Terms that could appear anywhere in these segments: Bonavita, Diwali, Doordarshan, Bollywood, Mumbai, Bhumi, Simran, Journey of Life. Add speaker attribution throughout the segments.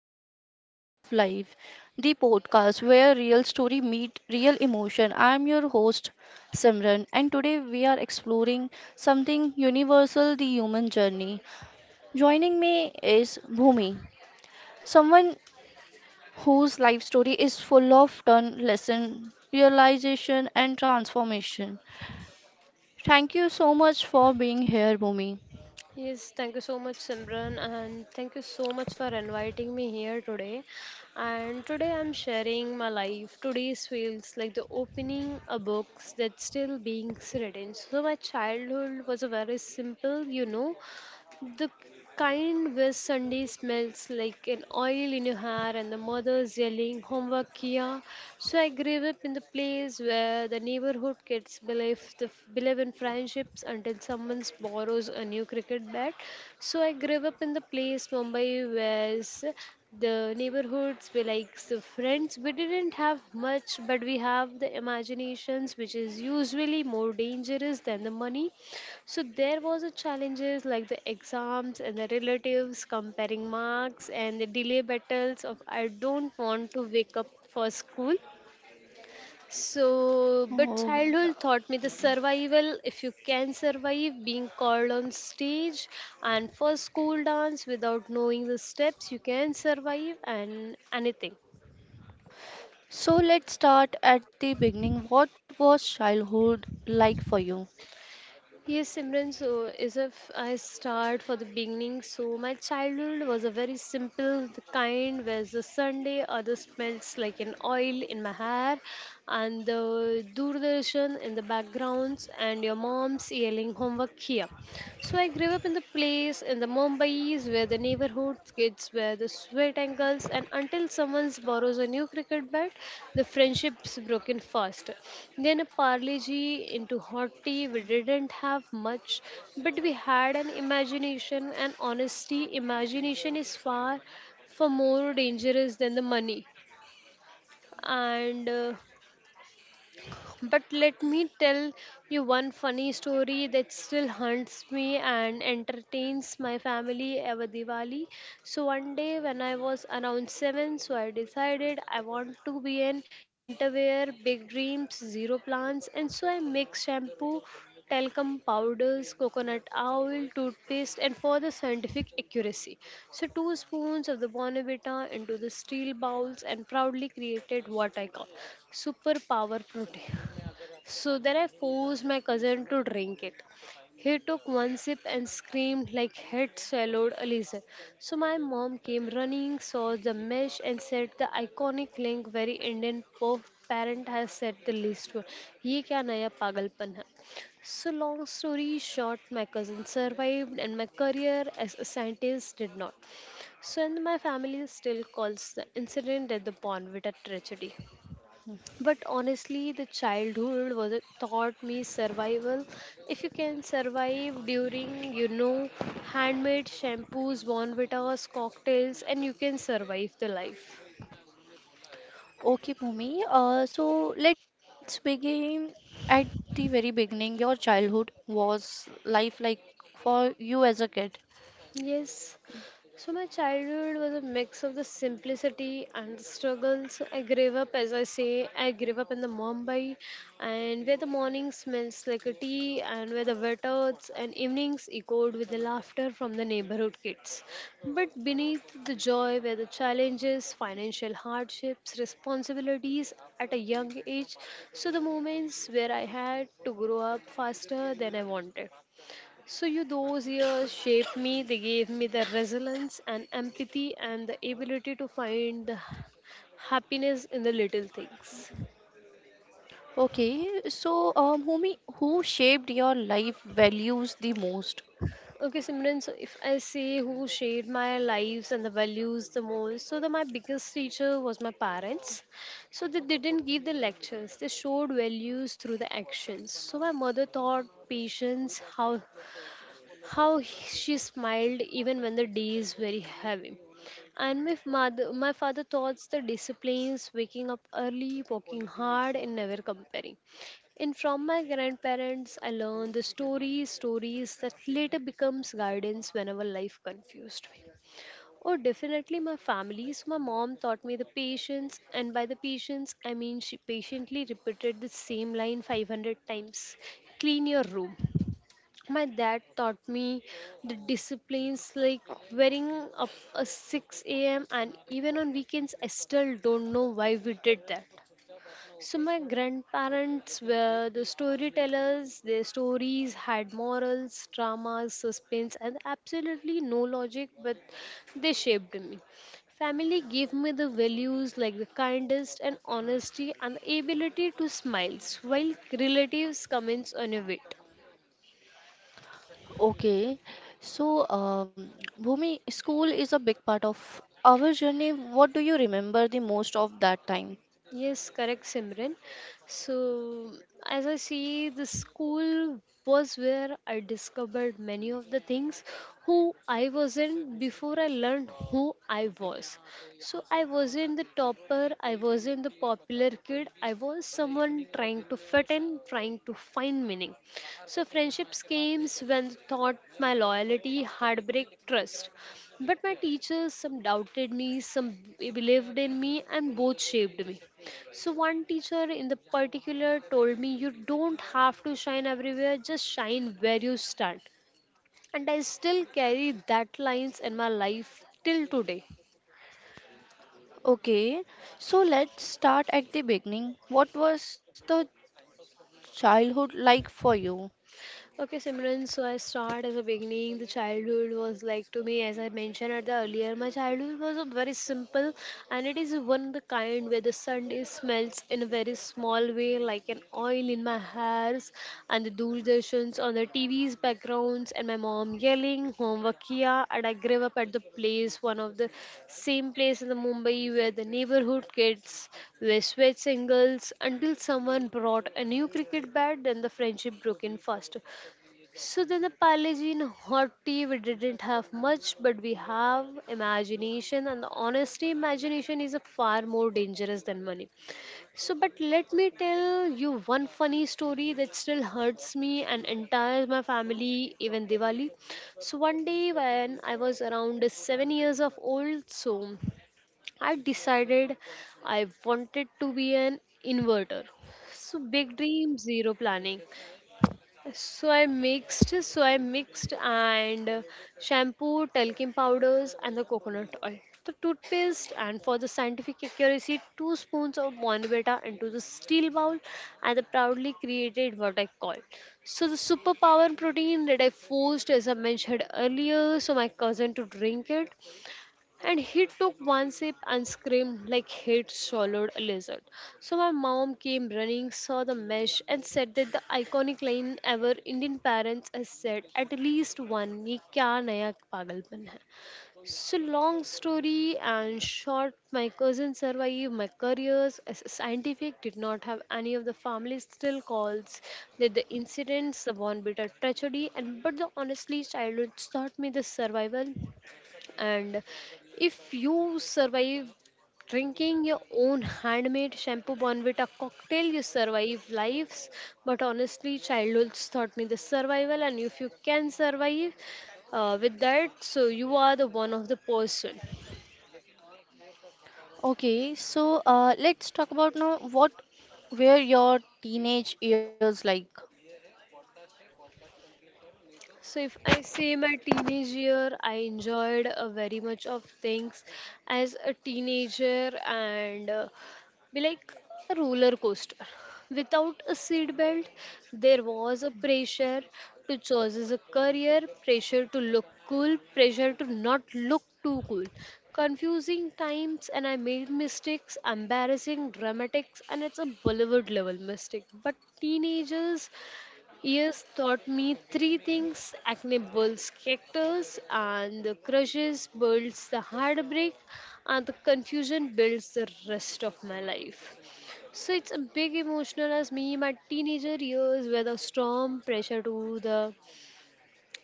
Speaker 1: welcome to the Journey of Life, the podcast where real story meet real emotion. I'm your host, Simran, and today we are exploring something universal the human journey. Joining me is Bhumi, someone whose life story is full of turn, lesson, realization, and transformation. Thank you so much for being here, Bhumi.
Speaker 2: Yes, thank you so much, Simran, and thank you so much for inviting me here today. And today I'm sharing my life. Today's feels like the opening a book that's still being written. So my childhood was a very simple, you know, the kind where Sunday smells like an oil in your hair and the mother's yelling homework Kia!" So I grew up in the place where the neighborhood kids believe in friendships until someone borrows a new cricket bat. So I grew up in the place Mumbai where the neighborhoods were like the friends. We didn't have much, but we have the imaginations, which is usually more dangerous than the money. So there was a challenges like the exams and the relatives comparing marks and the delay battles of I don't want to wake up for school. So but
Speaker 1: Oh.
Speaker 2: childhood taught me the survival if you can survive being called on stage and for school dance without knowing the steps you can survive and anything.
Speaker 1: So let's start at the beginning. What was childhood like for you?
Speaker 2: Yes, Simran, so as if I start for the beginning, so my childhood was a very simple, the kind where the Sunday other smells like an oil in my hair and the Doordarshan in the backgrounds and your mom's yelling homework here. So I grew up in the place in the Mumbai's where the neighborhood kids were the sweat ankles and until someone borrows a new cricket bat, the friendship's broken fast. Then a parley into hot tea. We didn't have much, but we had an imagination and honesty. Imagination is far, far more dangerous than the money. And But let me tell you one funny story that still haunts me and entertains my family every Diwali. So one day when I was around 7, so I decided I want to be an interwear, big dreams, zero plans and so I mixed shampoo, talcum powders, coconut oil, toothpaste, and for the scientific accuracy. So, two spoons of the Bonavita into the steel bowls and proudly created what I call superpower protein. So then I forced my cousin to drink it. He took one sip and screamed like he'd swallowed a lizard. So my mom came running, saw the mesh, and said the iconic link very Indian parent has said the least word. ये क्या नया पागलपन है? So long story short, my cousin survived, and my career as a scientist did not. So and my family still calls the incident at the Bonvita tragedy, but honestly the childhood was it taught me survival if you can survive during handmade shampoos bonvitas cocktails and you can survive the life.
Speaker 1: Okay, Bhumi. So let's begin at the very beginning. Your childhood was life like for you as a kid.
Speaker 2: Yes. So my childhood was a mix of the simplicity and the struggles. I grew up, as I say, I grew up in the Mumbai, and where the morning smells like a tea, and where the wet earths and evenings echoed with the laughter from the neighborhood kids. But beneath the joy were the challenges, financial hardships, responsibilities at a young age. So the moments where I had to grow up faster than I wanted. So you those years shaped me, they gave me the resilience and empathy and the ability to find the happiness in the little things.
Speaker 1: Okay, so Bhumi, who shaped your life values the most?
Speaker 2: Okay, Simran, so if I say who shaped my lives and the values the most, so the, my biggest teacher was my parents. So they didn't give the lectures, they showed values through the actions. So my mother taught patience, how How he- she smiled even when the day is very heavy. And my mother, my father taught the disciplines, waking up early, working hard, and never comparing. And from my grandparents, I learned the stories, stories that later becomes guidance whenever life confused me. Oh, definitely my family. So my mom taught me the patience, and by the patience, I mean she patiently repeated the same line 500 times. Clean your room. My dad taught me the disciplines like wearing up at 6 a.m. and even on weekends, I still don't know why we did that. So, my grandparents were the storytellers, their stories had morals, dramas, suspense, and absolutely no logic, but they shaped me. Family gave me the values like the kindest and honesty and the ability to smile, while relatives comments on your weight.
Speaker 1: Okay, so Bhumi, school is a big part of our journey. What do you remember the most of that time?
Speaker 2: Yes, correct, Simran. So, as I see, the school was where I discovered many of the things who I wasn't before I learned who I was. So, I wasn't the topper, I wasn't the popular kid, I was someone trying to fit in, trying to find meaning. So, friendships came when thought my loyalty, heartbreak, trust. But my teachers, some doubted me, some believed in me, and both shaped me. So one teacher in the particular told me you don't have to shine everywhere, just shine where you stand. And I still carry that lines in my life till today.
Speaker 1: Okay, so let's start at the beginning. What was the childhood like for you?
Speaker 2: Okay, Simran, so I start as a beginning. The childhood was like to me, as I mentioned at the earlier, my childhood was a very simple and it is one of the kind where the Sunday smells in a very small way, like an oil in my hairs and the doordarshan's on the TV's backgrounds and my mom yelling, homework here. And I grew up at the place, one of the same place in the Mumbai where the neighborhood kids were sweat singles until someone brought a new cricket bat, then the friendship broke in first. So then the apology and hot tea, we didn't have much, but we have imagination and honestly imagination is a far more dangerous than money. So but let me tell you one funny story that still hurts me and entire my family, even Diwali. So one day when I was around 7 years of old, so I decided I wanted to be an inverter. So big dream, zero planning. So I mixed and shampoo, talcum powders, and the coconut oil. The toothpaste, and for the scientific accuracy, two spoons of Bonvita into the steel bowl, and I proudly created what I call. So the superpower protein that I forced, as I mentioned earlier, so my cousin to drink it. And he took one sip and screamed like he'd swallowed a lizard. So my mom came running, saw the mesh, and said that the iconic line ever Indian parents has said at least one, ye kya naya pagalpan hai. So long story and short, my cousin survived my careers as a scientific, did not have any of the family still calls that the incidents, the one bitter tragedy, and but the honestly childhood taught me the survival and if you survive drinking your own handmade shampoo bond with a cocktail, you survive lives. But honestly, childhoods taught me the survival, and if you can survive with that, so you are the one of the person.
Speaker 1: Okay, so let's talk about now what were your teenage years like?
Speaker 2: So if I say my teenage year, I enjoyed very much of things as a teenager and be like a roller coaster. Without a seat belt, there was a pressure to choose a career, pressure to look cool, pressure to not look too cool. Confusing times, and I made mistakes, embarrassing, dramatics, and it's a Bollywood level mistake. But teenagers Years taught me three things acne builds characters, and the crushes builds the heartbreak, and the confusion builds the rest of my life. So it's a big emotional as me. My teenager years were the storm pressure to the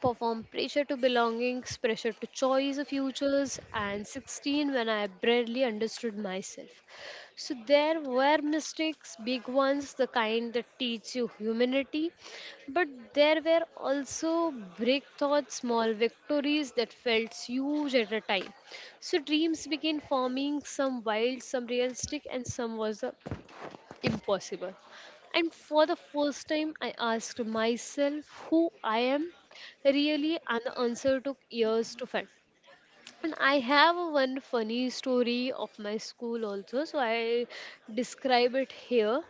Speaker 2: perform pressure to belongings, pressure to choice of futures, and 16 when I barely understood myself. So there were mistakes, big ones, the kind that teach you humanity, but there were also breakthroughs, small victories that felt huge at a time. So dreams began forming, some wild, some realistic, and some was a impossible. And for the first time, I asked myself who I am really, and the answer took years to find. And I have a one funny story of my school also, so I describe it here.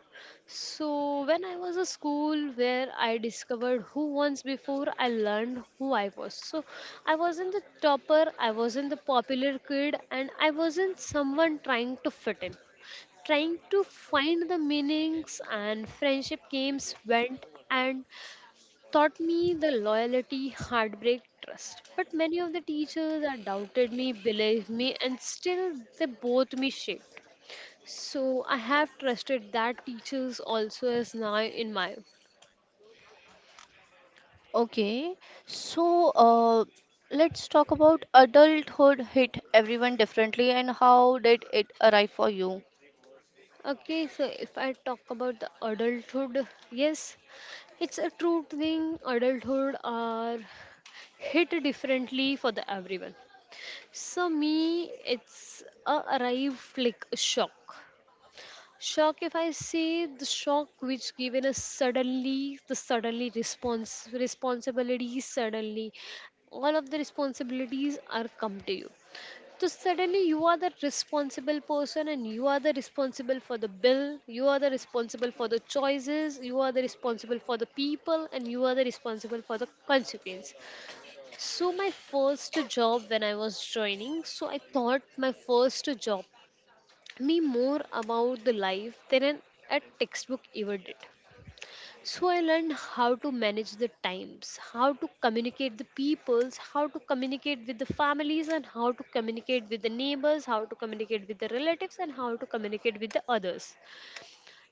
Speaker 2: So, when I was a school where I discovered who once before I learned who I was. So, I wasn't the topper, I wasn't the popular kid, and I wasn't someone trying to fit in trying to find the meanings and friendship games went and taught me the loyalty, heartbreak, trust. But many of the teachers that doubted me, believed me, and still they both me shaped. So I have trusted that teachers also is now in my.
Speaker 1: Okay, so let's talk about adulthood hit everyone differently and how did it arrive for you?
Speaker 2: Okay, so if I talk about the adulthood, yes, it's a true thing. Adulthood are hit differently for the everyone. So me, it's a arrive like a shock. Shock, if I say the shock which given us suddenly, the suddenly response responsibilities suddenly, all of the responsibilities are come to you. So suddenly you are the responsible person and you are the responsible for the bill, you are the responsible for the choices, you are the responsible for the people and you are the responsible for the consequence. So my first job when I was joining, so I thought my first job me more about the life than a textbook ever did. So I learned how to manage the times, how to communicate the peoples, how to communicate with the families and how to communicate with the neighbors, how to communicate with the relatives and how to communicate with the others.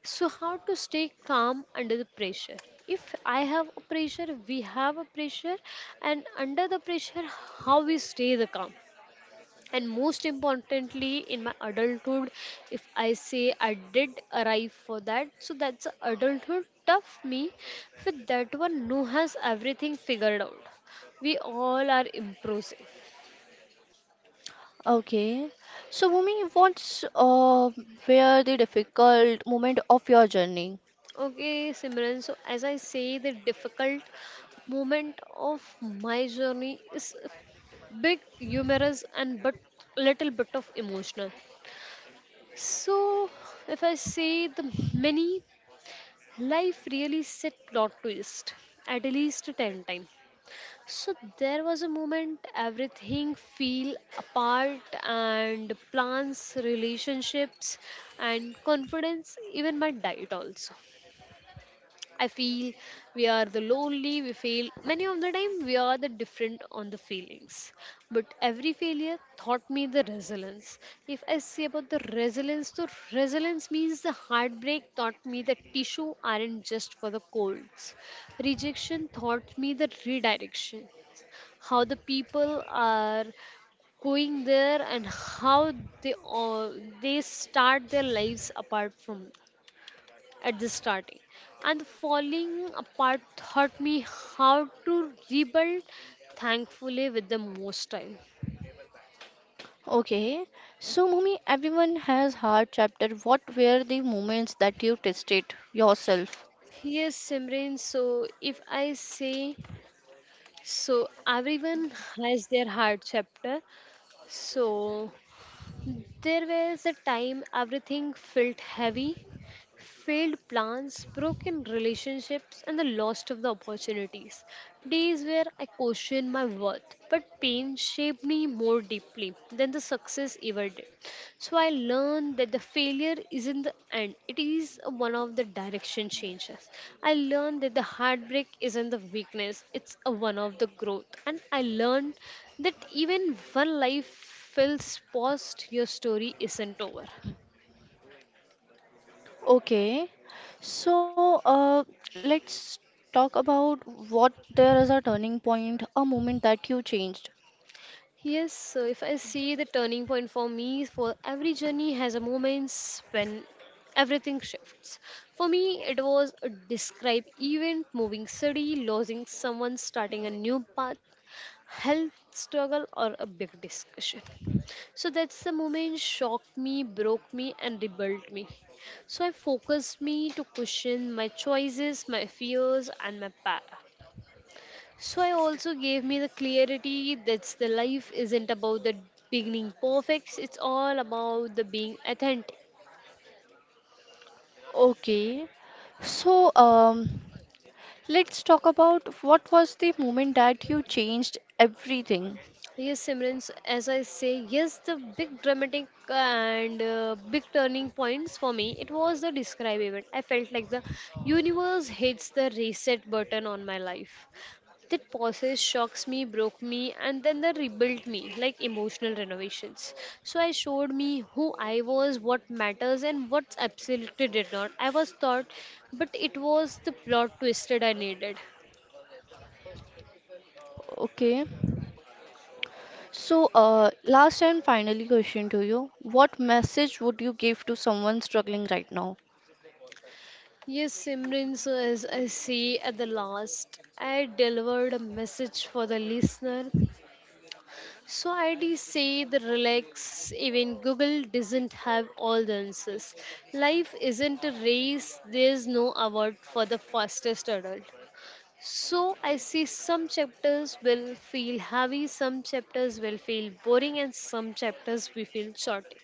Speaker 2: So how to stay calm under the pressure. If I have a pressure, we have a pressure and under the pressure how we stay the calm and most importantly in my adulthood, if I say I did arrive for that, so that's adulthood tough me with that one no has everything figured out. We all are improving.
Speaker 1: Okay, so Bhumi, what's were the difficult moment of your journey?
Speaker 2: Okay, Simran, so as I say, the difficult moment of my journey is big humorous and but little bit of emotional. So if I say the many, life really set plot twist at least 10 times. So there was a moment everything feel apart and plans, relationships and confidence, even my diet also. I feel we are the lonely, we fail. Many of the time, we are the different on the feelings. But every failure taught me the resilience. If I say about the resilience, so resilience means the heartbreak taught me that tissue aren't just for the colds. Rejection taught me the redirection. How the people are going there and how they they start their lives apart from at the starting and the falling apart taught me how to rebuild thankfully with the most time.
Speaker 1: Okay, so Mumi, everyone has hard chapter. What were the moments that you tested yourself?
Speaker 2: Yes, Simran, so if I say, so everyone has their hard chapter. So there was a time everything felt heavy, failed plans, broken relationships, and the loss of the opportunities. Days where I questioned my worth, but pain shaped me more deeply than the success ever did. So I learned that the failure isn't the end, it is one of the direction changes. I learned that the heartbreak isn't the weakness, it's a one of the growth. And I learned that even one life feels paused, your story isn't over.
Speaker 1: Okay, so let's talk about what there is a turning point, a moment that you changed.
Speaker 2: Yes, so if I see the turning point for me, for every journey has a moments when everything shifts. For me, it was a describe event, moving city, losing someone, starting a new path, health struggle, or a big discussion. So that's the moment shocked me, broke me, and rebuilt me. So I focused me to question my choices, my fears, and my path. So I also gave me the clarity that's the life isn't about the beginning perfect. It's all about the being authentic.
Speaker 1: Okay, so let's talk about what was the moment that you changed everything.
Speaker 2: Yes, Simran, as I say, yes, the big dramatic and big turning points for me, it was the describe event. I felt like the universe hits the reset button on my life. That process shocks me, broke me, and then they rebuilt me like emotional renovations. So I showed me who I was, what matters, and what absolutely did not. I was taught, but it was the plot twisted I needed.
Speaker 1: Okay. So, last and finally question to you. What message would you give to someone struggling right now?
Speaker 2: Yes, Simran, so as I see at the last, I delivered a message for the listener. So I did say the relax, even Google doesn't have all the answers. Life isn't a race, there's no award for the fastest adult. So I see some chapters will feel heavy, some chapters will feel boring, and some chapters will feel short.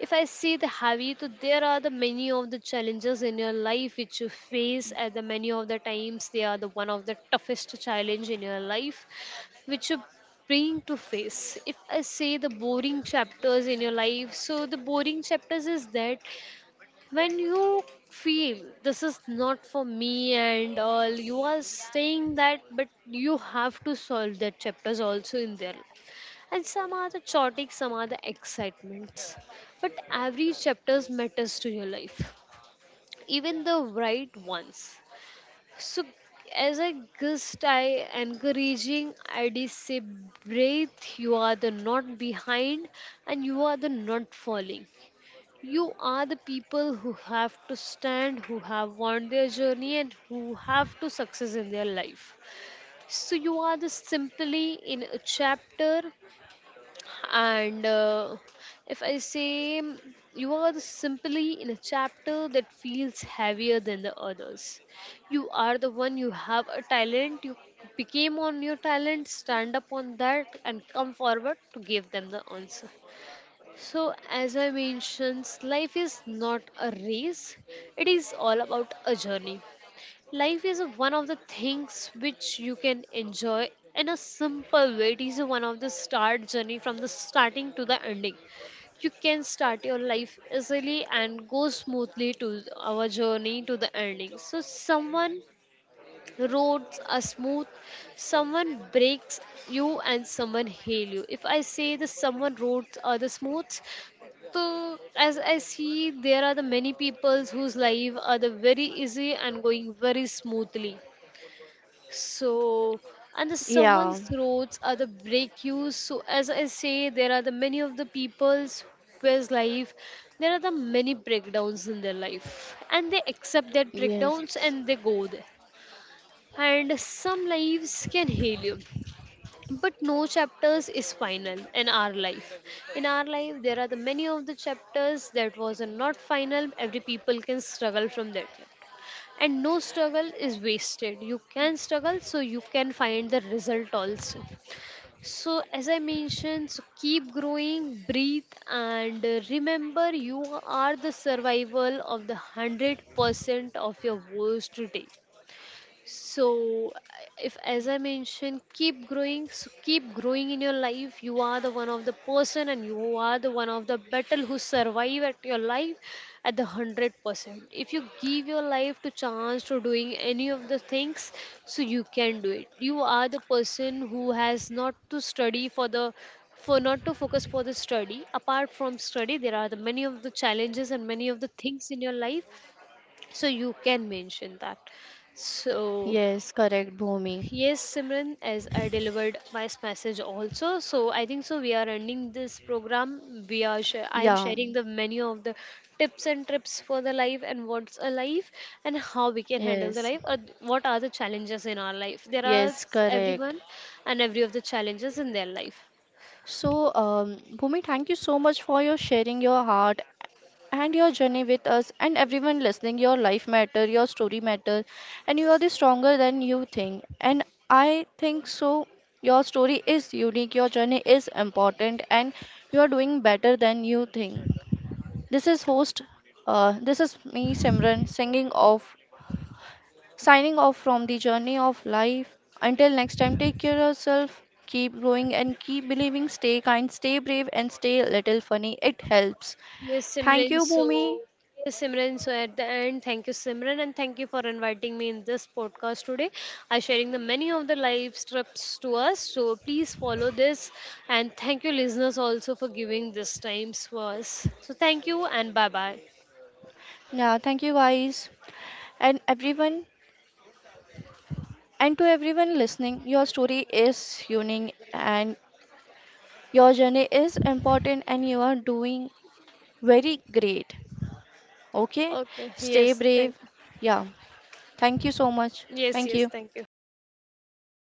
Speaker 2: If I say the heavy, so there are the many of the challenges in your life which you face at the many of the times they are the one of the toughest challenge in your life which you bring to face. If I say the boring chapters in your life, so the boring chapters is that when you feel this is not for me and all you are saying that but you have to solve that chapters also in there and some are the chaotic, some are the excitements. But every chapter matters to your life, even the right ones. So, as a guest, I encouraging I did say breathe. You are the not behind, and you are the not falling. You are the people who have to stand, who have won their journey, and who have to success in their life. So you are the simply in a chapter and if I say you are the simply in a chapter that feels heavier than the others, you are the one you have a talent, you became on your talent, stand up on that, and come forward to give them the answer. So, as I mentioned, life is not a race, it is all about a journey. Life is one of the things which you can enjoy in a simple way. It is one of the start journey from the starting to the ending. You can start your life easily and go smoothly to our journey to the ending. So someone roads are smooth, someone breaks you and someone heal you. If I say the someone roads are the smooth, so as I see there are the many peoples whose life are the very easy and going very smoothly so, and the someone's
Speaker 1: Yeah,
Speaker 2: throats are the break you. So, as I say, there are the many of the people's whose life, there are the many breakdowns in their life, and they accept that
Speaker 1: yes,
Speaker 2: breakdowns and they go there. And some lives can heal you, but no chapters is final in our life. In our life, there are the many of the chapters that was not final. Every people can struggle from that and no struggle is wasted. You can struggle so you can find the result also. So as I mentioned, so keep growing, breathe, and remember you are the survival of the 100% of your worst day. So if as I mentioned keep growing, keep growing in your life, you are the one of the person and you are the one of the battle who survive at your life at the 100%. If you give your life to chance to doing any of the things, so you can do it. You are the person who has not to study for the, for not to focus for the study. Apart from study there are the many of the challenges and many of the things in your life, so you can mention that. So
Speaker 1: yes, correct, Bhumi.
Speaker 2: yes, Simran, as I delivered my message also. So I think so. We are ending this program. We are. I am
Speaker 1: Yeah,
Speaker 2: sharing the menu of the tips and trips for the life and what's a life and how we can handle the
Speaker 1: yes,
Speaker 2: life. Or what are the challenges in our life? There are
Speaker 1: yes, correct.
Speaker 2: everyone and every of the challenges in their life.
Speaker 1: So, Bhumi, thank you so much for your sharing your heart and your journey with us and everyone listening. Your life matter, your story matter, and you are the stronger than you think. And I think so. Your story is unique, your journey is important, and you are doing better than you think. This is host. This is me, Simran, singing off, signing off from the journey of life. Until next time, take care of yourself, keep growing, and keep believing. Stay kind, stay brave, and stay a little funny. It helps.
Speaker 2: Yes,
Speaker 1: Thank
Speaker 2: Simran.
Speaker 1: you,
Speaker 2: So,
Speaker 1: Bhumi.
Speaker 2: yes, Simran. So, at the end, thank you, Simran, and thank you for inviting me in this podcast today. I sharing the many of the live strips to us. So, please follow this, and thank you, listeners, also for giving this time to us. So, thank you, and bye bye.
Speaker 1: Yeah, thank you guys and everyone and to everyone listening. Your story is unique and your journey is important and you are doing very great. Okay?
Speaker 2: Okay.
Speaker 1: Stay
Speaker 2: Yes.
Speaker 1: brave.
Speaker 2: Thank you.
Speaker 1: Yeah. Thank you so much.
Speaker 2: Yes.
Speaker 1: Thank you.
Speaker 2: Yes. Thank you.